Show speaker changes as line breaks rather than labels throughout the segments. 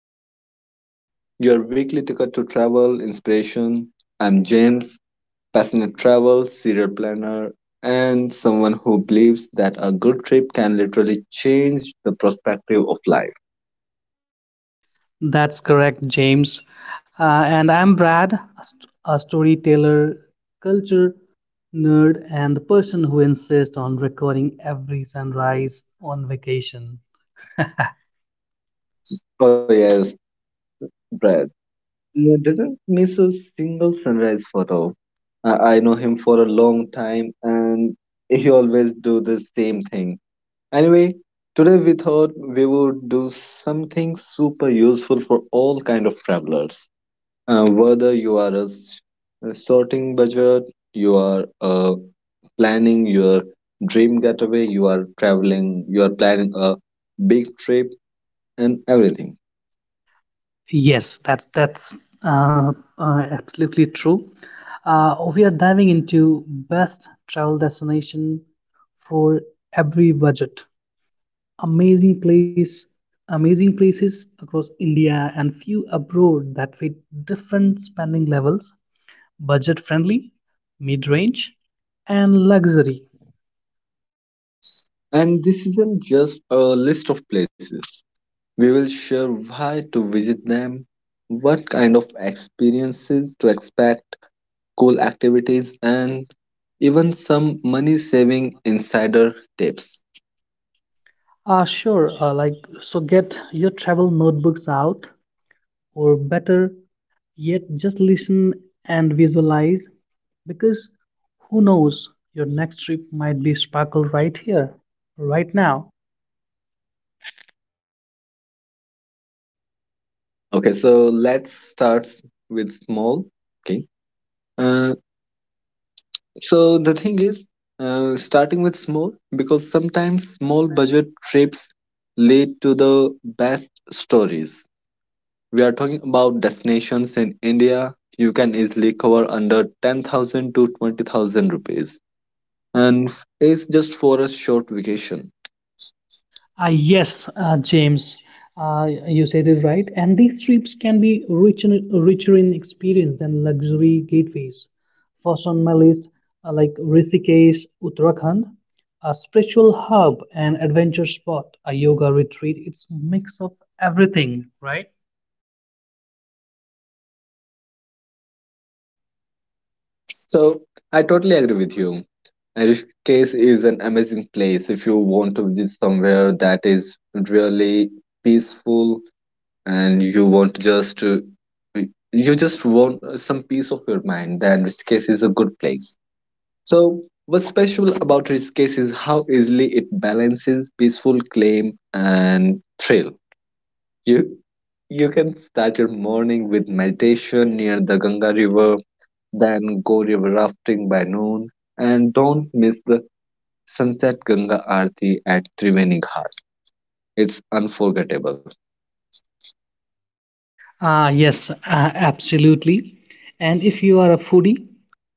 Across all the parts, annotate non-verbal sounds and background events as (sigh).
to Wonderwise, your weekly ticket to travel inspiration. I'm James, passionate travel, serial planner, and someone who believes that a good trip can literally change the perspective of life.
That's correct, James. And I'm Brad, a storyteller, culture nerd, and the person who insists on recording every sunrise on vacation.
Oh, yes, Brad. Doesn't miss a single sunrise photo. I know him for a long time, and he always do the same thing. Anyway, today we thought we would do something super useful for all kind of travelers. Whether you are a sorting budget, you are planning your dream getaway, you are traveling, you are planning a big trip and everything.
Yes, that's uh, absolutely true. We are diving into best travel destination for every budget. Amazing place, amazing places across India and few abroad that fit different spending levels. Budget friendly, mid range, and luxury.
And this isn't just a list of places. We will share why to visit them, what kind of experiences to expect, school activities, and even some money saving insider tips.
Ah, sure. So get your travel notebooks out, or better yet, just listen and visualize because who knows, your next trip might be sparkled right here, right now.
Okay, so let's start with small. Okay, uh, so the thing is, starting with small because sometimes small budget trips lead to the best stories. We are talking about destinations in India you can easily cover under 10,000 to 20,000 rupees, and it's just for a short vacation.
Yes, James, you said it right. And these trips can be rich richer in experience than luxury gateways. First on my list, like Rishikesh, Uttarakhand, a spiritual hub and adventure spot, a yoga retreat. It's mix of everything, right?
So I totally agree with you. And Rishikesh is an amazing place if you want to visit somewhere that is really peaceful and you want to just you just want some peace of your mind. Then Rishikesh is a good place. So what's special about Rishikesh is how easily it balances peaceful claim and thrill. You you can start your morning with meditation near the Ganga River then go river rafting by noon, and don't miss the sunset Ganga Aarti at Triveni Ghat. It's unforgettable.
Ah, yes, absolutely. And if you are a foodie,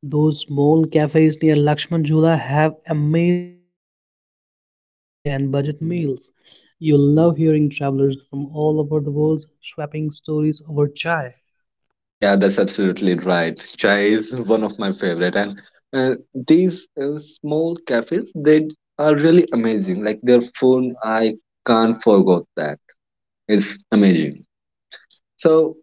those small cafes near Lakshman Jhula have amazing views and budget meals. You'll love hearing travelers from all over the world swapping stories over chai.
Yeah, that's absolutely right. Chai is one of my favorite, and uh, these small cafes they are really amazing. Like their food, I can't forget that. It's amazing. So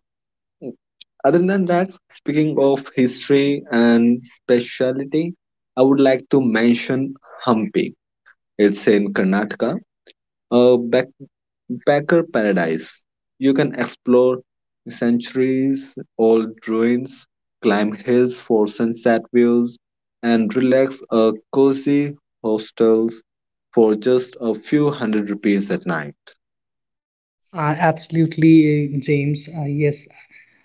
other than that, speaking of history and speciality, I would like to mention Hampi. It's in Karnataka, a backpacker paradise. You can explore centuries old ruins, climb hills for sunset views, and relax at cozy hostels for just a few hundred rupees at night.
Absolutely, James. Yes.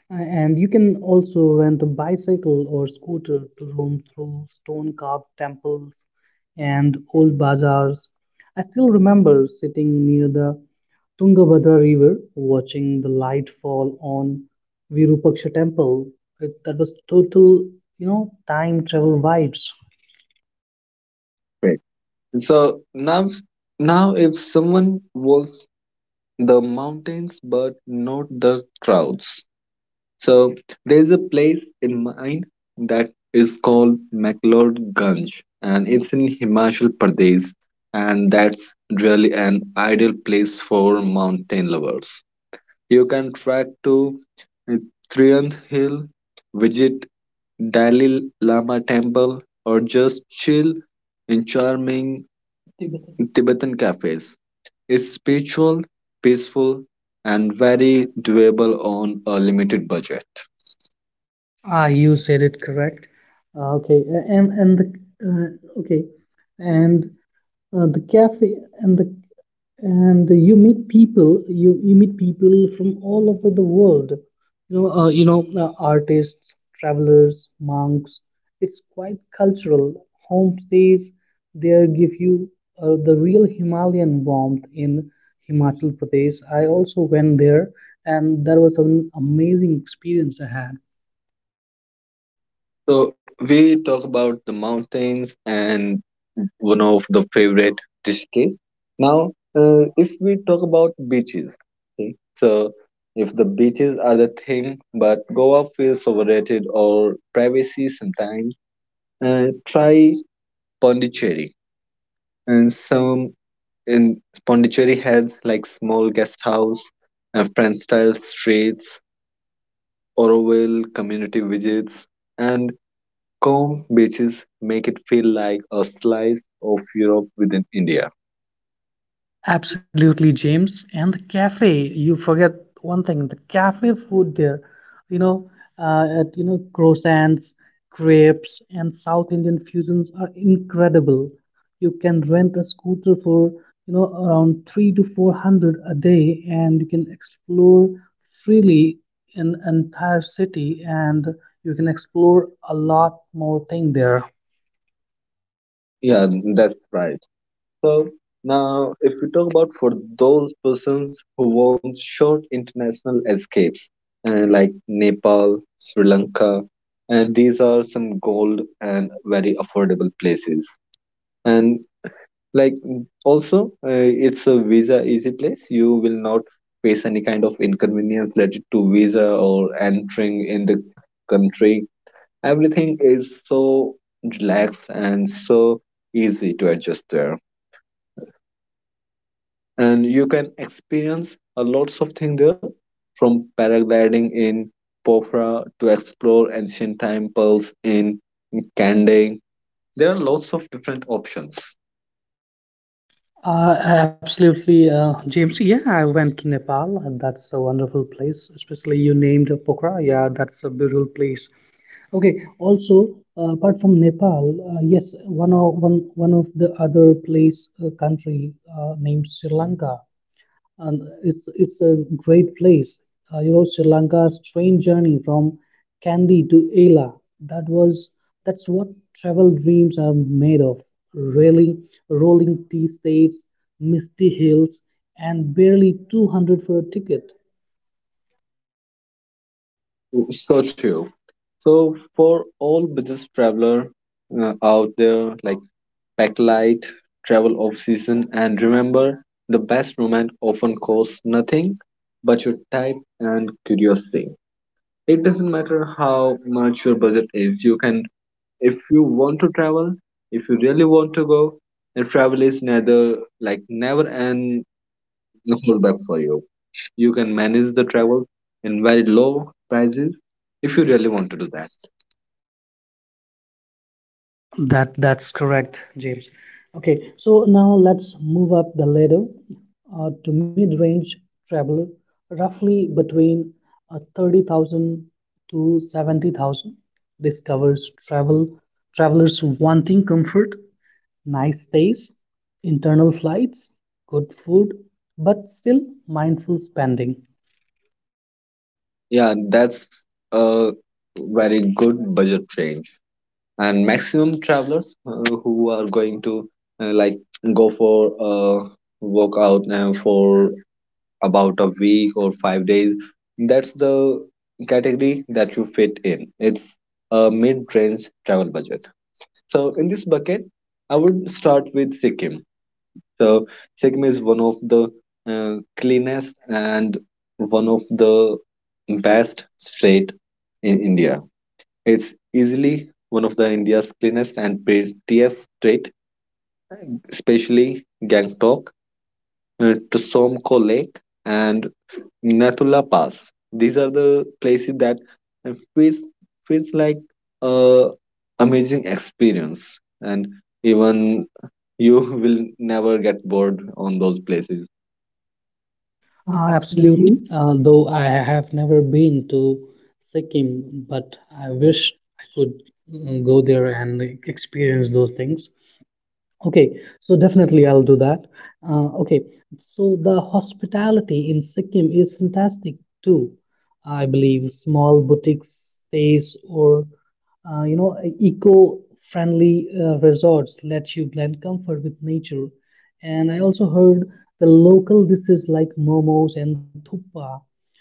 And you can also rent a bicycle or scooter to roam through stone carved temples and old bazaars. I still remember sitting near the Tungabhadra River, watching the light fall on Virupaksha temple. That was total, you know, time travel vibes.
Right. So now, if someone wants the mountains but not the crowds, so there's a place in mine that is called McLeodganj, and it's in Himachal Pradesh, and that's really an ideal place for mountain lovers. You can trek to Triand Hill, visit Dalai Lama temple, or just chill in charming Tibetan cafes. It's spiritual, peaceful and very doable on a limited budget.
Ah, you said it correct. Okay, a- and the okay, and The cafe and the and you meet people you meet people from all over the world, you know, you know, artists, travelers, monks. It's quite cultural. Homestays there give you the real Himalayan warmth. In Himachal Pradesh I also went there, and that was an amazing experience I had.
So we talk about the mountains and one of the favorite dishes. Now, if we talk about beaches, okay? So if the beaches are the thing, but Goa feels overrated or privacy sometimes, try Pondicherry. And some in Pondicherry has like small guest house, French style streets, Oroville community visits, and calm beaches make it feel like a slice of Europe within India.
Absolutely, James. And the cafe, you forget one thing, the cafe food there, you know, you know, croissants, crepes, and South Indian fusions are incredible. You can rent a scooter for, you know, around three to four hundred a day, and you can explore freely in entire city, and you can explore a lot more thing there.
Yeah, that's right. So now, if we talk about for those persons who want short international escapes, like Nepal, Sri Lanka, and these are some gold and very affordable places. And like also, it's a visa easy place. You will not face any kind of inconvenience related to visa or entering in the country, everything is so relaxed and so easy to adjust there. And you can experience a lots of things there from paragliding in Pokhara to explore ancient temples in Kandy. There are lots of different options.
Absolutely, James. Yeah, I went to Nepal, and that's a wonderful place. Especially you named Pokhara. Yeah, that's a beautiful place. Okay. Also, apart from Nepal, yes, one of the other place country named Sri Lanka, and it's a great place. You know, Sri Lanka's train journey from Kandy to Ela. That was that's what travel dreams are made of. Railing, rolling tea states, misty hills, and barely 200 for a ticket.
So true. So for all business traveler out there, like pack light, travel off season, and remember the best romance often costs nothing but your time and curiosity. It doesn't matter how much your budget is, you can, if you want to travel, if you really want to go, and travel is neither like never an holdback for you. You can manage the travel in very low prices if you really want to do that.
That's correct, James. Okay, so now let's move up the ladder to mid-range traveler, roughly between 30,000 to 70,000. This covers travelers wanting comfort, nice stays, internal flights, good food, but still mindful spending.
Yeah, that's a very good budget train. And maximum travelers who are going to like go for a workout for about a week or 5 days, that's the category that you fit in. It's a mid-range travel budget. So in this bucket I would start with Sikkim. So Sikkim is one of the cleanest and one of the best state in India. It's easily one of the India's cleanest and prettiest streets, especially Gangtok, Tsomko Lake, and Nathula Pass. These are the places that feels feels like a amazing experience, and even you (laughs) will never get bored on those places.
Absolutely. Though I have never been to Sikkim, but I wish I could go there and like, experience those things. Okay, so definitely I'll do that. Uh, okay, so the hospitality in Sikkim is fantastic too. I believe small boutique stays or you know eco-friendly resorts let you blend comfort with nature. And I also heard the local dishes like momos and thuppa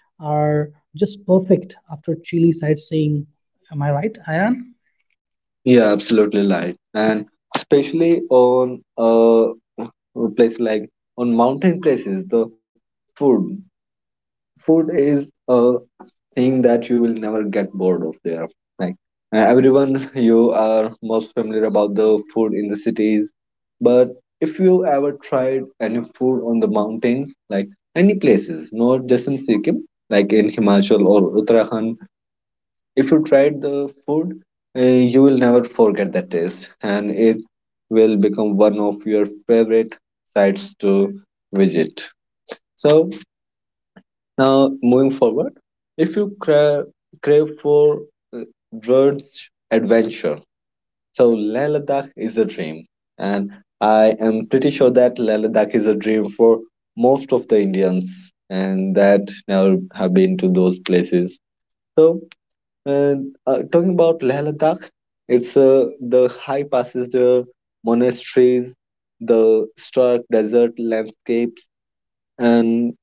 are just perfect after chilly sightseeing. Am I right, Ayan?
Yeah, absolutely right, and especially on a place like on mountain places, the food food is a thing that you will never get bored of there. Like everyone, you are most familiar about the food in the cities, but if you ever tried any food on the mountains, like any places, not just in Sikkim, like in Himachal or Uttarakhand, if you tried the food, you will never forget that taste, and it will become one of your favorite sites to visit. So now, moving forward, if you crave for uh, Drudge adventure, so Leh Ladakh is a dream, and I am pretty sure that Leh Ladakh is a dream for most of the Indians, and that never have been to those places. So, and talking about Leh Ladakh, it's the high passes there, monasteries, the stark desert landscapes, and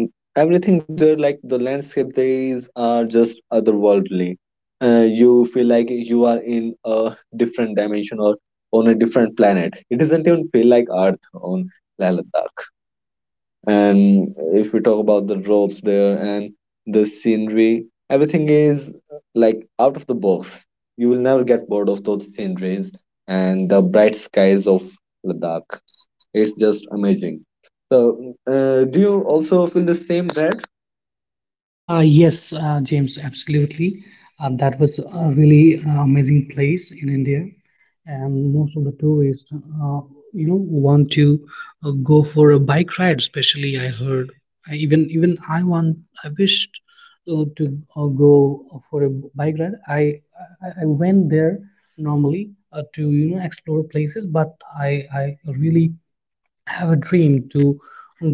Mm, everything there, like the landscape there is are just otherworldly. Uh, you feel like you are in a different dimension or on a different planet. It doesn't even feel like earth on Leh Ladakh. And if we talk about the roads there and the scenery, everything is like out of the box. You will never get bored of those sceneries, and the bright skies of Ladakh, it's just amazing. So do you also feel the same there?
Yes, James, absolutely. That was a really amazing place in India, and most of the tourists, you know, want to go for a bike ride. Especially, I heard. I even even I want. I wished to go for a bike ride. I went there normally to you know explore places, but I really I have a dream to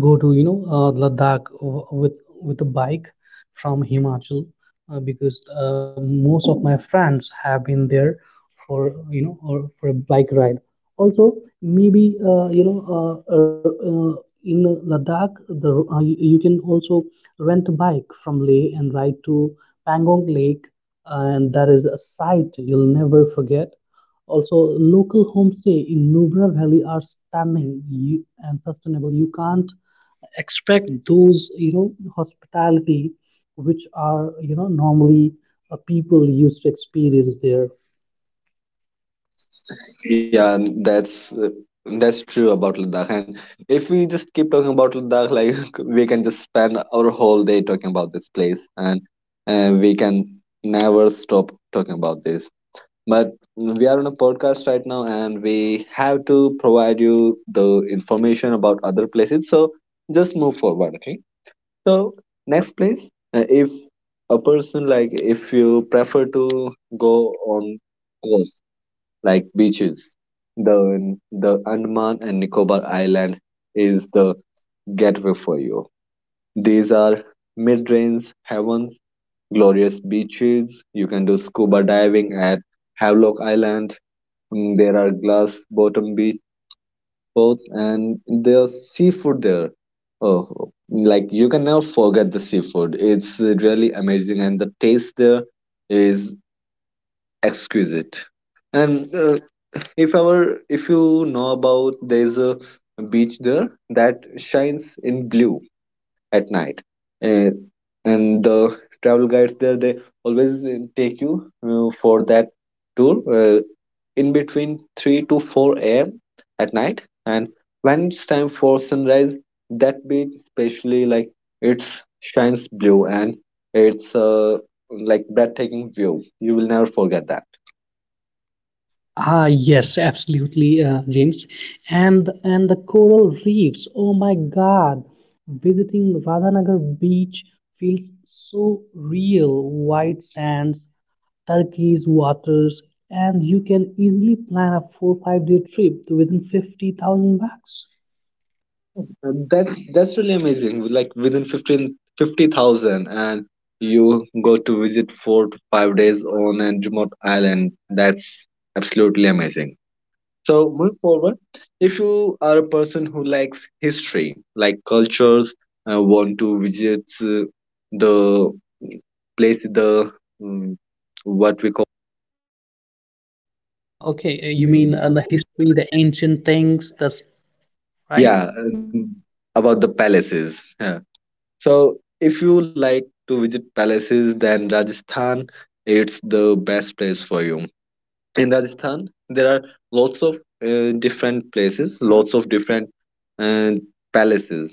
go to you know Ladakh with a bike from Himachal because most of my friends have been there for you know or for a bike ride. Also, maybe in Ladakh the you can also rent a bike from Leh and ride to Pangong Lake, and that is a sight you'll never forget. Also local homestay in Nubra Valley are stunning and sustainable. You can't expect those you know hospitality which are you know normally people used to experience there.
Yeah, and that's true about Ladakh. And if we just keep talking about Ladakh, like (laughs) we can just spend our whole day talking about this place, and we can never stop talking about this. But we are on a podcast right now, and we have to provide you the information about other places. So just move forward, okay? So next place, if a person like if you prefer to go on coast like beaches. The Andaman and Nicobar Island is the gateway for you. These are mid-range heavens, glorious beaches. You can do scuba diving at Havelock Island. There are glass bottom beach boats and there's seafood there. Oh, like you can never forget the seafood. It's really amazing and the taste there is exquisite. And if our if you know about, there's a beach there that shines in blue at night, uh, and the travel guides there, they always take you for that tour in between 3 to 4 a.m. at night, and when it's time for sunrise, that beach especially, like it's shines blue, and it's like breathtaking view, you will never forget that.
Ah, yes, absolutely, James. And the coral reefs. Oh my God, visiting Radhanagar beach feels so real. White sands, Turkey's waters, and you can easily plan a 4 or 5 day trip to within 50,000 bucks.
That's really amazing. Like within 15-50,000, and you go to visit 4 to 5 days on a remote island. That's absolutely amazing. So move forward. If you are a person who likes history, like cultures, want to visit the place, the um, what we call,
Okay, you mean the history, the ancient things, this, right? Yeah.
yeah, about the palaces. Yeah. So, if you like to visit palaces, then Rajasthan, it's the best place for you. In Rajasthan, there are lots of different places, lots of different uh, palaces,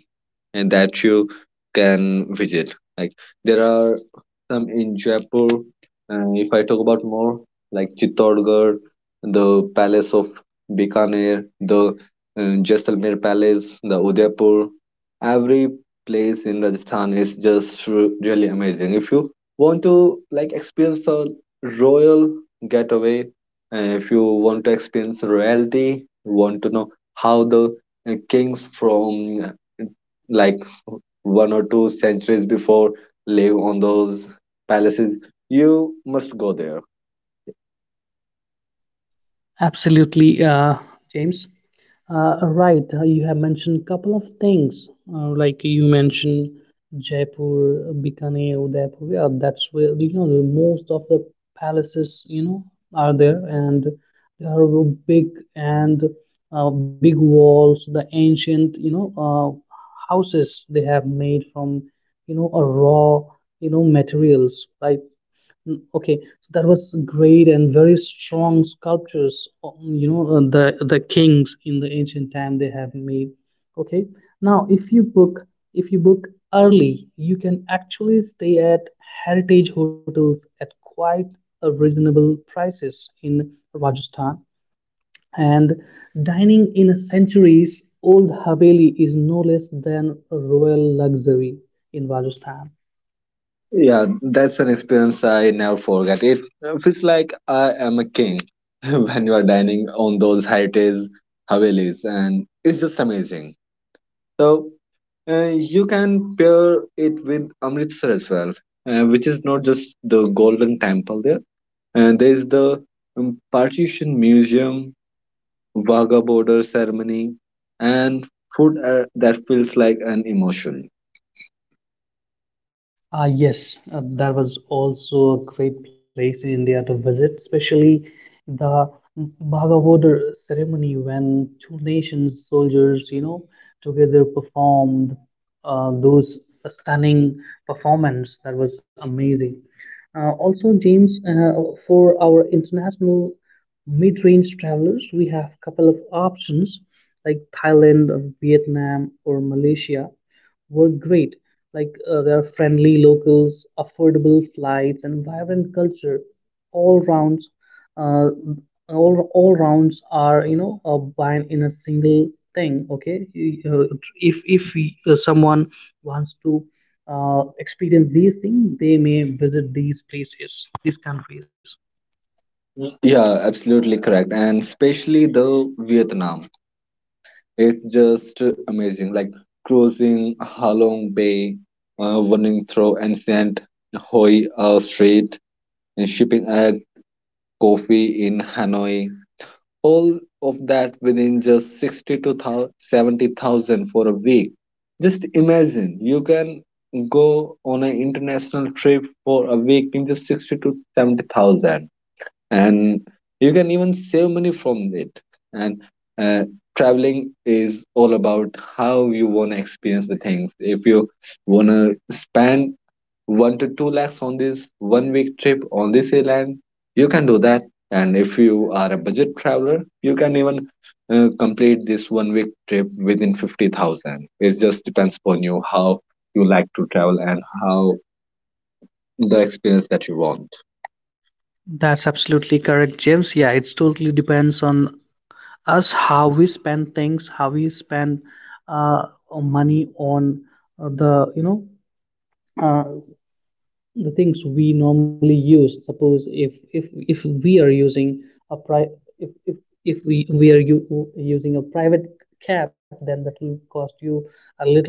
and that you can visit. Like there are some in Jaipur. If I talk about more, like Chittorgarh, the Palace of Bikaner, the Jaisalmer Palace, the Udaipur, every place in Rajasthan is just really amazing. If you want to like experience a royal getaway, if you want to experience royalty, want to know how the kings from like 1 or 2 centuries before live on those palaces, you must go there.
Absolutely, James. Right, you have mentioned couple of things, like you mentioned Jaipur, Bikaner, Udaipur. Yeah, that's where you know the most of the palaces you know are there, and they are big and big walls. The ancient you know houses they have made from you know a raw you know materials, right? Okay, so that was great and very strong sculptures. You know, the kings in the ancient time they have made. Okay, now if you book early, you can actually stay at heritage hotels at quite a reasonable prices in Rajasthan. And dining in a centuries old haveli is no less than a royal luxury in Rajasthan.
Yeah, that's an experience I never forget. It feels like I am a king (laughs) when you are dining on those heritage havelis, and it's just amazing. So uh, you can pair it with Amritsar as well, which is not just the golden temple there, and there is the partition museum, Vaga border ceremony, and food that feels like an emotion.
Ah, yes, that was also a great place in India to visit, especially the Bhagavatar ceremony when two nations, soldiers, you know, together performed those stunning performance. That was amazing. Also, James, for our international mid-range travelers, we have couple of options like Thailand, Vietnam, or Malaysia were great. Like their friendly locals, affordable flights, and vibrant culture, all rounds, uh, all rounds are you know bind in a single thing. Okay, You- if we- someone wants to experience these things, they may visit these places, these countries.
Yeah, absolutely correct. And especially the Vietnam, it's just amazing. Like cruising Halong Bay, running through ancient Hoi Street, and shipping a coffee in Hanoi. All of that within just 60 to 70,000 for a week. Just imagine, you can go on an international trip for a week in just 60 to 70,000, and you can even save money from it. And uh, traveling is all about how you want to experience the things. If you want to spend one to two lakhs on this 1 week trip on this airline, you can do that. And if you are a budget traveler, you can even complete this 1 week trip within 50,000. It just depends upon you how you like to travel and how the experience that you want.
That's absolutely correct, James. Yeah, it's totally depends on us how we spend things how we spend uh, money on the you know uh, the things we normally use. Suppose if we are using a pri- if if if we are using a private cab then that will cost you a little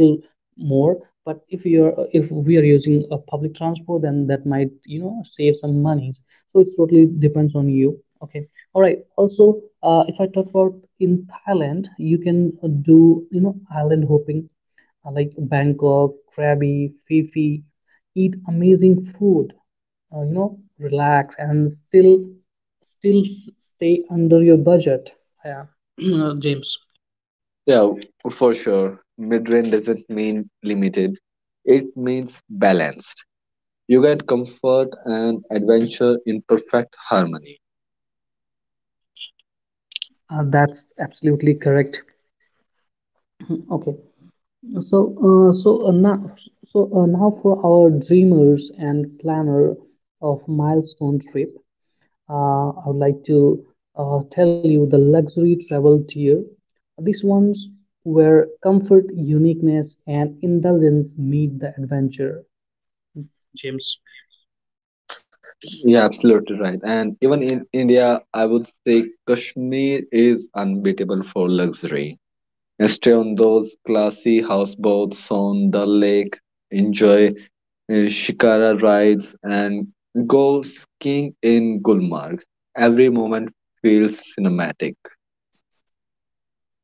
more, but if we are using a public transport then that might you know save some monies. So it totally depends on you. Okay, all right. Also if I talk about in Thailand, you can do you know island hopping, like Bangkok, Krabi, Fifi, eat amazing food, you know, relax and stay under your budget. Yeah, (clears throat) James.
Yeah, for sure. Mid range doesn't mean limited, it means balanced. You get comfort and adventure in perfect harmony.
That's absolutely correct. Okay, so uh, so uh, now now for our dreamers and planner of milestone trip. I would like to tell you the luxury travel tier. These ones where comfort, uniqueness, and indulgence meet the adventure, James.
Yeah, absolutely right. And even in India, I would say Kashmir is unbeatable for luxury. And stay on those classy houseboats on the lake, enjoy shikara rides, and go skiing in Gulmarg. Every moment feels cinematic.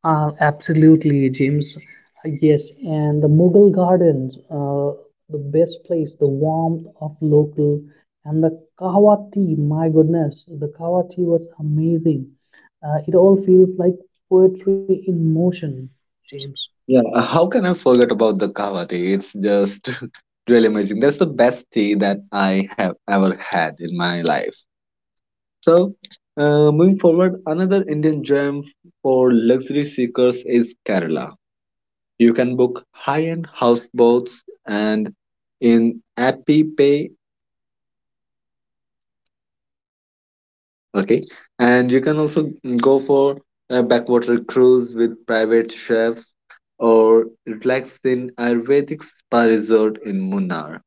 Absolutely, James. Yes, and the Mughal Gardens, the best place, the warmth of local, and the kahwa tea. My goodness, the kahwa tea was amazing. It all feels like poetry in motion, James.
Yeah, how can I forget about the kahwa tea? It's just (laughs) really amazing. That's the best tea that I have ever had in my life. So, moving forward, another Indian gem for luxury seekers is Kerala. You can book high-end houseboats and in Appy Pay, okay, okay, and you can also go for a backwater cruise with private chefs or relax in Ayurvedic spa resort in Munnar.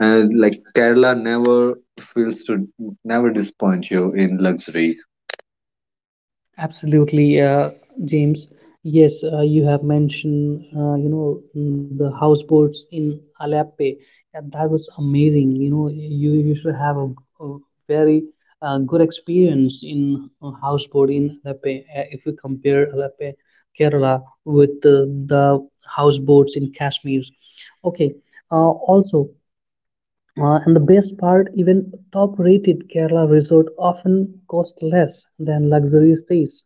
And like Kerala never feels to never disappoint you in luxury.
Absolutely, James. Yes, you have mentioned, you know, the houseboats in Alape. And that was amazing. You know, you should have a very good experience in a houseboat in Alape. If you compare Alape, Kerala, with the houseboats in Kashmir. Okay. Uh, also, and the best part, even top-rated Kerala resort often cost less than luxury stays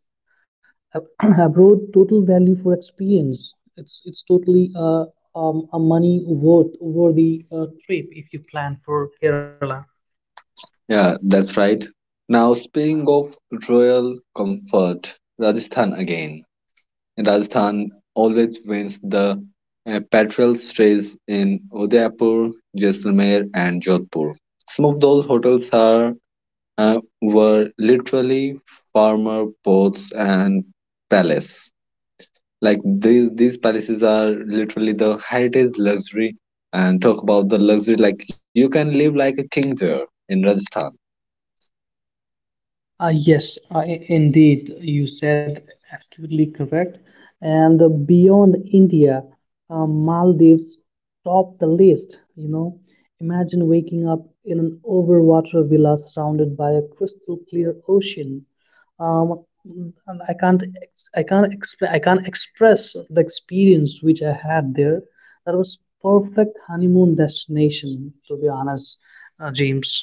(clears throat) abroad. Total value for experience, it's totally a money worth worthy trip if you plan for Kerala.
Yeah, that's right. Now, speaking of royal comfort, Rajasthan again. Rajasthan always wins the petrels race in Udaipur, Jaisalmer, and Jodhpur. Some of those hotels are were literally farmer boats and palace. Like these palaces are literally the heritage luxury. And talk about the luxury, like you can live like a king there in Rajasthan.
Yes, I, indeed, you said absolutely correct. And beyond India, Maldives top the list. You know, imagine waking up in an overwater villa surrounded by a crystal clear ocean. Um, and I can't explain, I can't express the experience which I had there. That was perfect honeymoon destination, to be honest, James.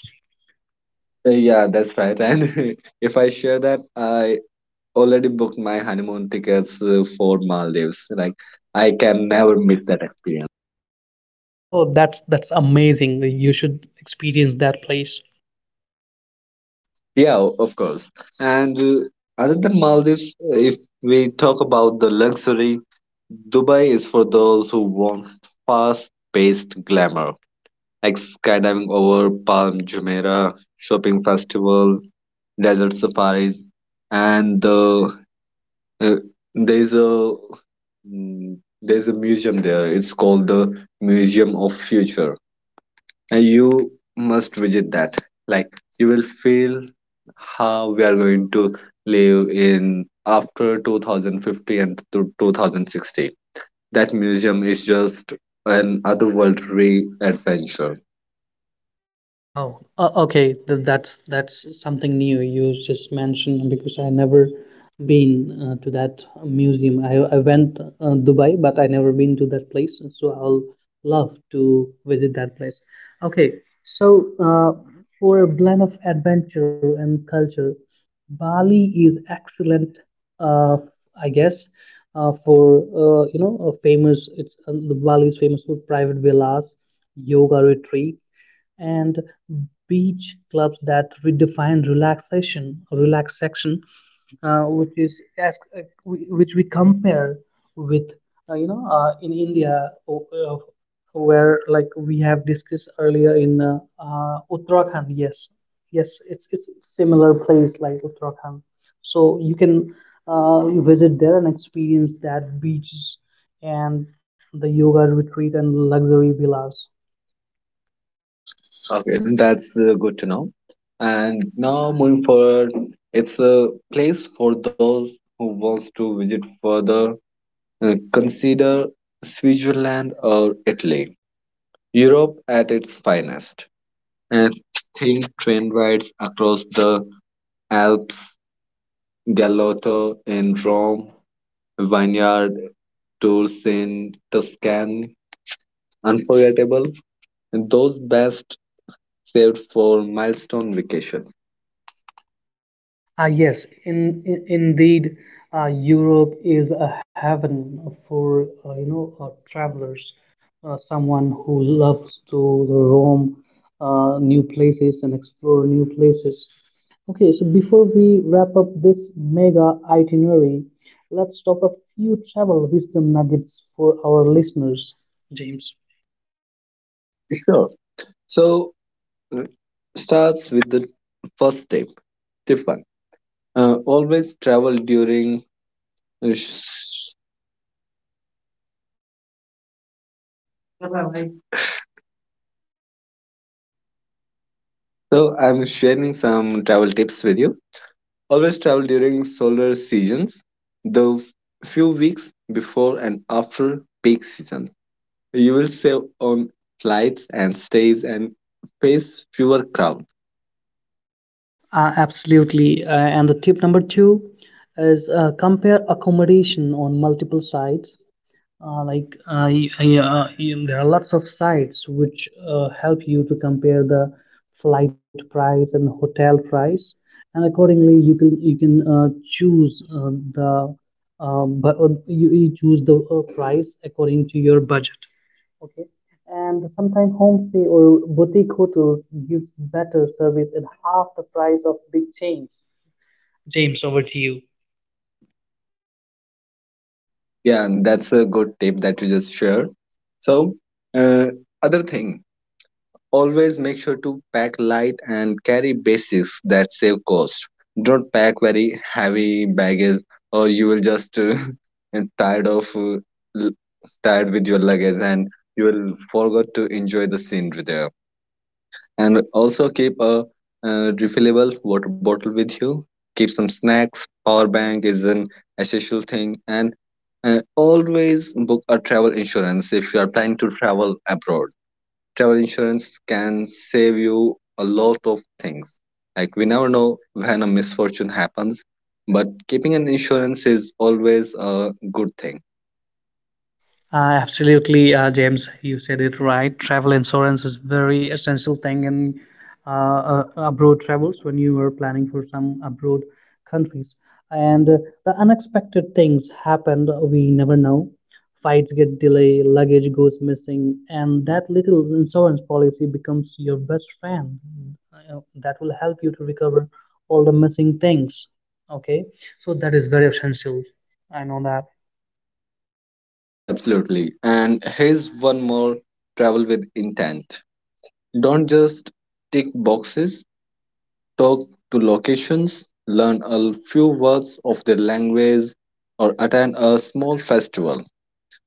Yeah, that's right. And (laughs) if I share that, I already booked my honeymoon tickets for Maldives. Like, I can never miss that experience.
Oh, that's amazing. You should experience that place.
Yeah, of course. And other than Maldives, if we talk about the luxury, Dubai is for those who want fast-paced glamour, like skydiving over Palm Jumeirah, shopping festival, desert safaris, and the Uh, there's a there's a museum there. It's called the Museum of Future, and you must visit that. Like you will feel how we are going to live in after 2050 and to 2060. That museum is just an otherworldly adventure.
That's something new you just mentioned because I never been to that museum. I went Dubai, but I never been to that place, so I'll love to visit that place. Okay, so uh, for a blend of adventure and culture, Bali is excellent. Uh, I guess for you know a famous. It's Bali is famous for private villas, yoga retreats and beach clubs that redefine relaxation, uh, which is as, uh, which we compare with in India where like we have discussed earlier in Uttarakhand. Yes, yes it's similar place like Uttarakhand, so you can uh, visit there and experience that beaches and the yoga retreat and luxury villas.
Okay, that's good to know. And now moving forward, it's a place for those who wants to visit further. Consider Switzerland or Italy, Europe at its finest. And think train rides across the Alps, Gallotto in Rome, vineyard tours in Tuscany, unforgettable. Those best saved for milestone vacations.
Ah, yes, indeed, Europe is a heaven for you know travelers, someone who loves to roam new places and explore new places. Okay, so before we wrap up this mega itinerary, let's talk a few travel wisdom nuggets for our listeners, James.
Sure. So uh, starts with the first step, Tiffany. Always travel during sh- So I'm sharing some travel tips with you. Always travel during solar seasons, the few weeks before and after peak season. You will save on flights and stays and face fewer crowds.
Absolutely. And the tip number two is compare accommodation on multiple sites. There are lots of sites which help you to compare the flight price and the hotel price, and accordingly you can choose the but you choose the price according to your budget. Okay, and sometimes homestay or boutique hotels gives better service at half the price of big chains. James, over to you.
Yeah, and that's a good tip that you just shared. So, uh, other thing, always make sure to pack light and carry basics that save cost. Don't pack very heavy baggage or you will just (laughs) and tired of l- tired with your luggage and you will forget to enjoy the scenery there. And also keep a refillable water bottle with you. Keep some snacks. Power bank is an essential thing and always book a travel insurance if you are planning to travel abroad. Travel insurance can save you a lot of things. Like we never know when a misfortune happens, but keeping an insurance is always a good thing.
Absolutely, James, you said it right. Travel insurance is very essential thing in abroad travels when you are planning for some abroad countries. And the unexpected things happen we never know. Flights get delayed, luggage goes missing, and that little insurance policy becomes your best friend. That will help you to recover all the missing things. Okay, so that is very essential. I know that.
Yeah, absolutely. And here's one more: travel with intent. Don't just tick boxes, talk to locations, learn a few words of their language, or attend a small festival.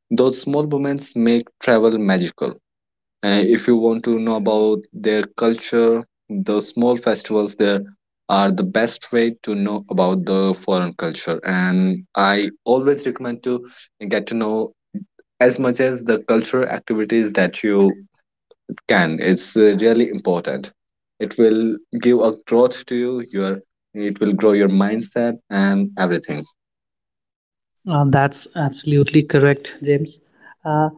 Those small moments make travel magical. And if you want to know about their culture, the small festivals there are the best way to know about the foreign culture. And I always recommend to get to know as much as the cultural activities that you can. It's really important. It will give a growth to you. Your it will grow your mindset and everything.
That's absolutely correct, James. Uh,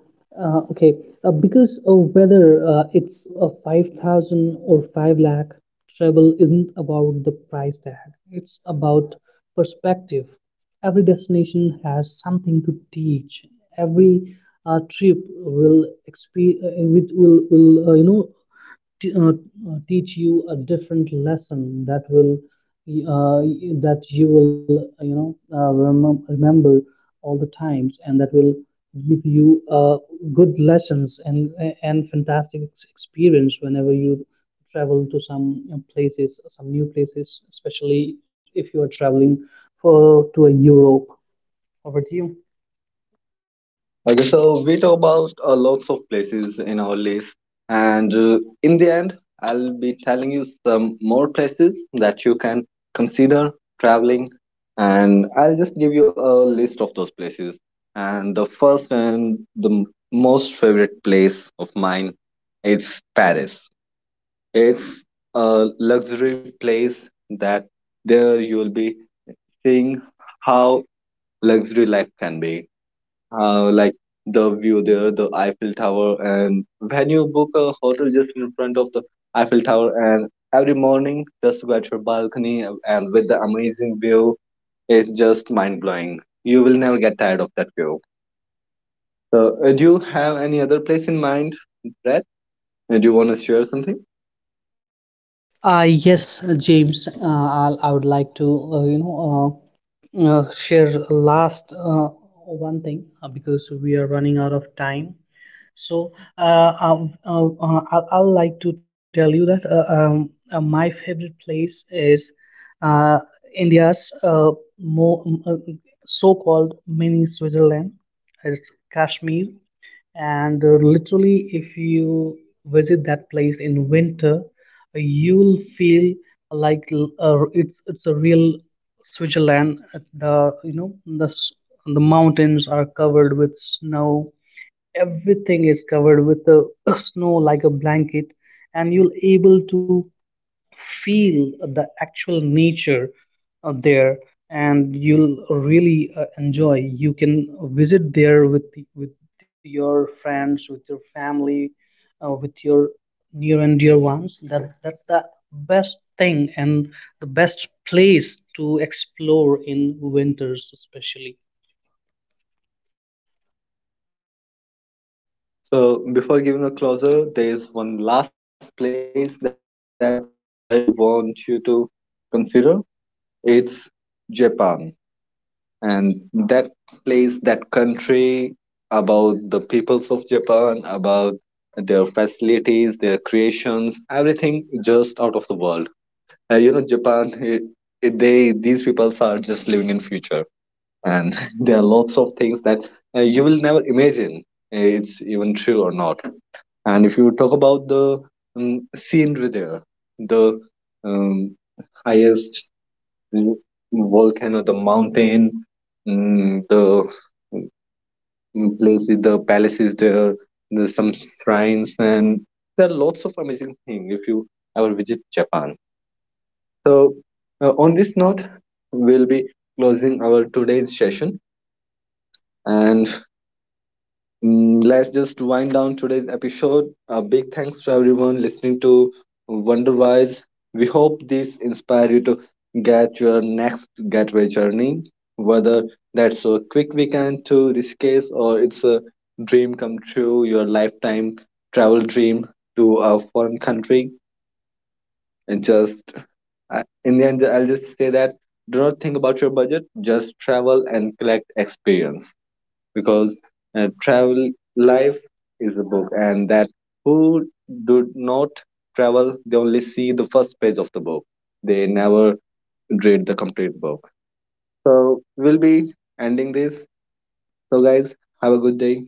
uh, okay, because of whether it's a 5,000 or 5 lakh, travel isn't about the price tag, it's about perspective. Every destination has something to teach. Every trip will exp- will you know t- uh, uh, teach you a different lesson uh, that you will you know remember all the times and that will give you uh, good lessons and fantastic experience whenever you travel to some you know, places, some new places, especially if you are traveling for to a Europe. Over to you.
Okay, so we talk about lots of places in our list, and in the end, I'll be telling you some more places that you can consider traveling, and I'll just give you a list of those places. And the first and the most favorite place of mine is Paris. It's a luxury place that there you'll be seeing how luxury life can be like the view there, the Eiffel Tower. And when you book a hotel just in front of the Eiffel Tower, and every morning just go at your balcony and with the amazing view, it's just mind blowing. You will never get tired of that view. So, do you have any other place in mind, Brad? Do you want to share something?
Yes, James, I would like to, uh, you know, share last one thing because we are running out of time. So I'll like to tell you that my favorite place is uh, India's mo- m- uh, so-called mini Switzerland. It's Kashmir, and literally, if you visit that place in winter, you'll feel like it's a real Switzerland. The you know the mountains are covered with snow. Everything is covered with the (clears throat) snow like a blanket, and you'll able to feel the actual nature there, and you'll really enjoy. You can visit there with with your friends, with your family, with your near and dear ones. That's the best thing and the best place to explore in winters especially.
So, before giving a closer, there is one last place that I want you to consider. It's Japan, and that place, that country, about the peoples of Japan, about their facilities, their creations, everything just out of the world. You know, Japan, they, these peoples are just living in future, and (laughs) there are lots of things that you will never imagine, it's even true or not. And if you talk about the scenery there, the um, highest mm, volcano, the mountain, the places, the palaces there, there's some shrines, and there are lots of amazing things if you ever visit Japan. So, on this note, we'll be closing our today's session, and let's just wind down today's episode. A big thanks to everyone listening to Wonderwise. We hope this inspire you to get your next getaway journey, whether that's a quick weekend to Rishikesh or it's a dream come true, your lifetime travel dream to a foreign country. And just in the end, I'll just say that do not think about your budget, just travel and collect experience because travel life is a book, and that who do not travel they only see the first page of the book, they never read the complete book. So we'll be ending this. So guys, have a good day.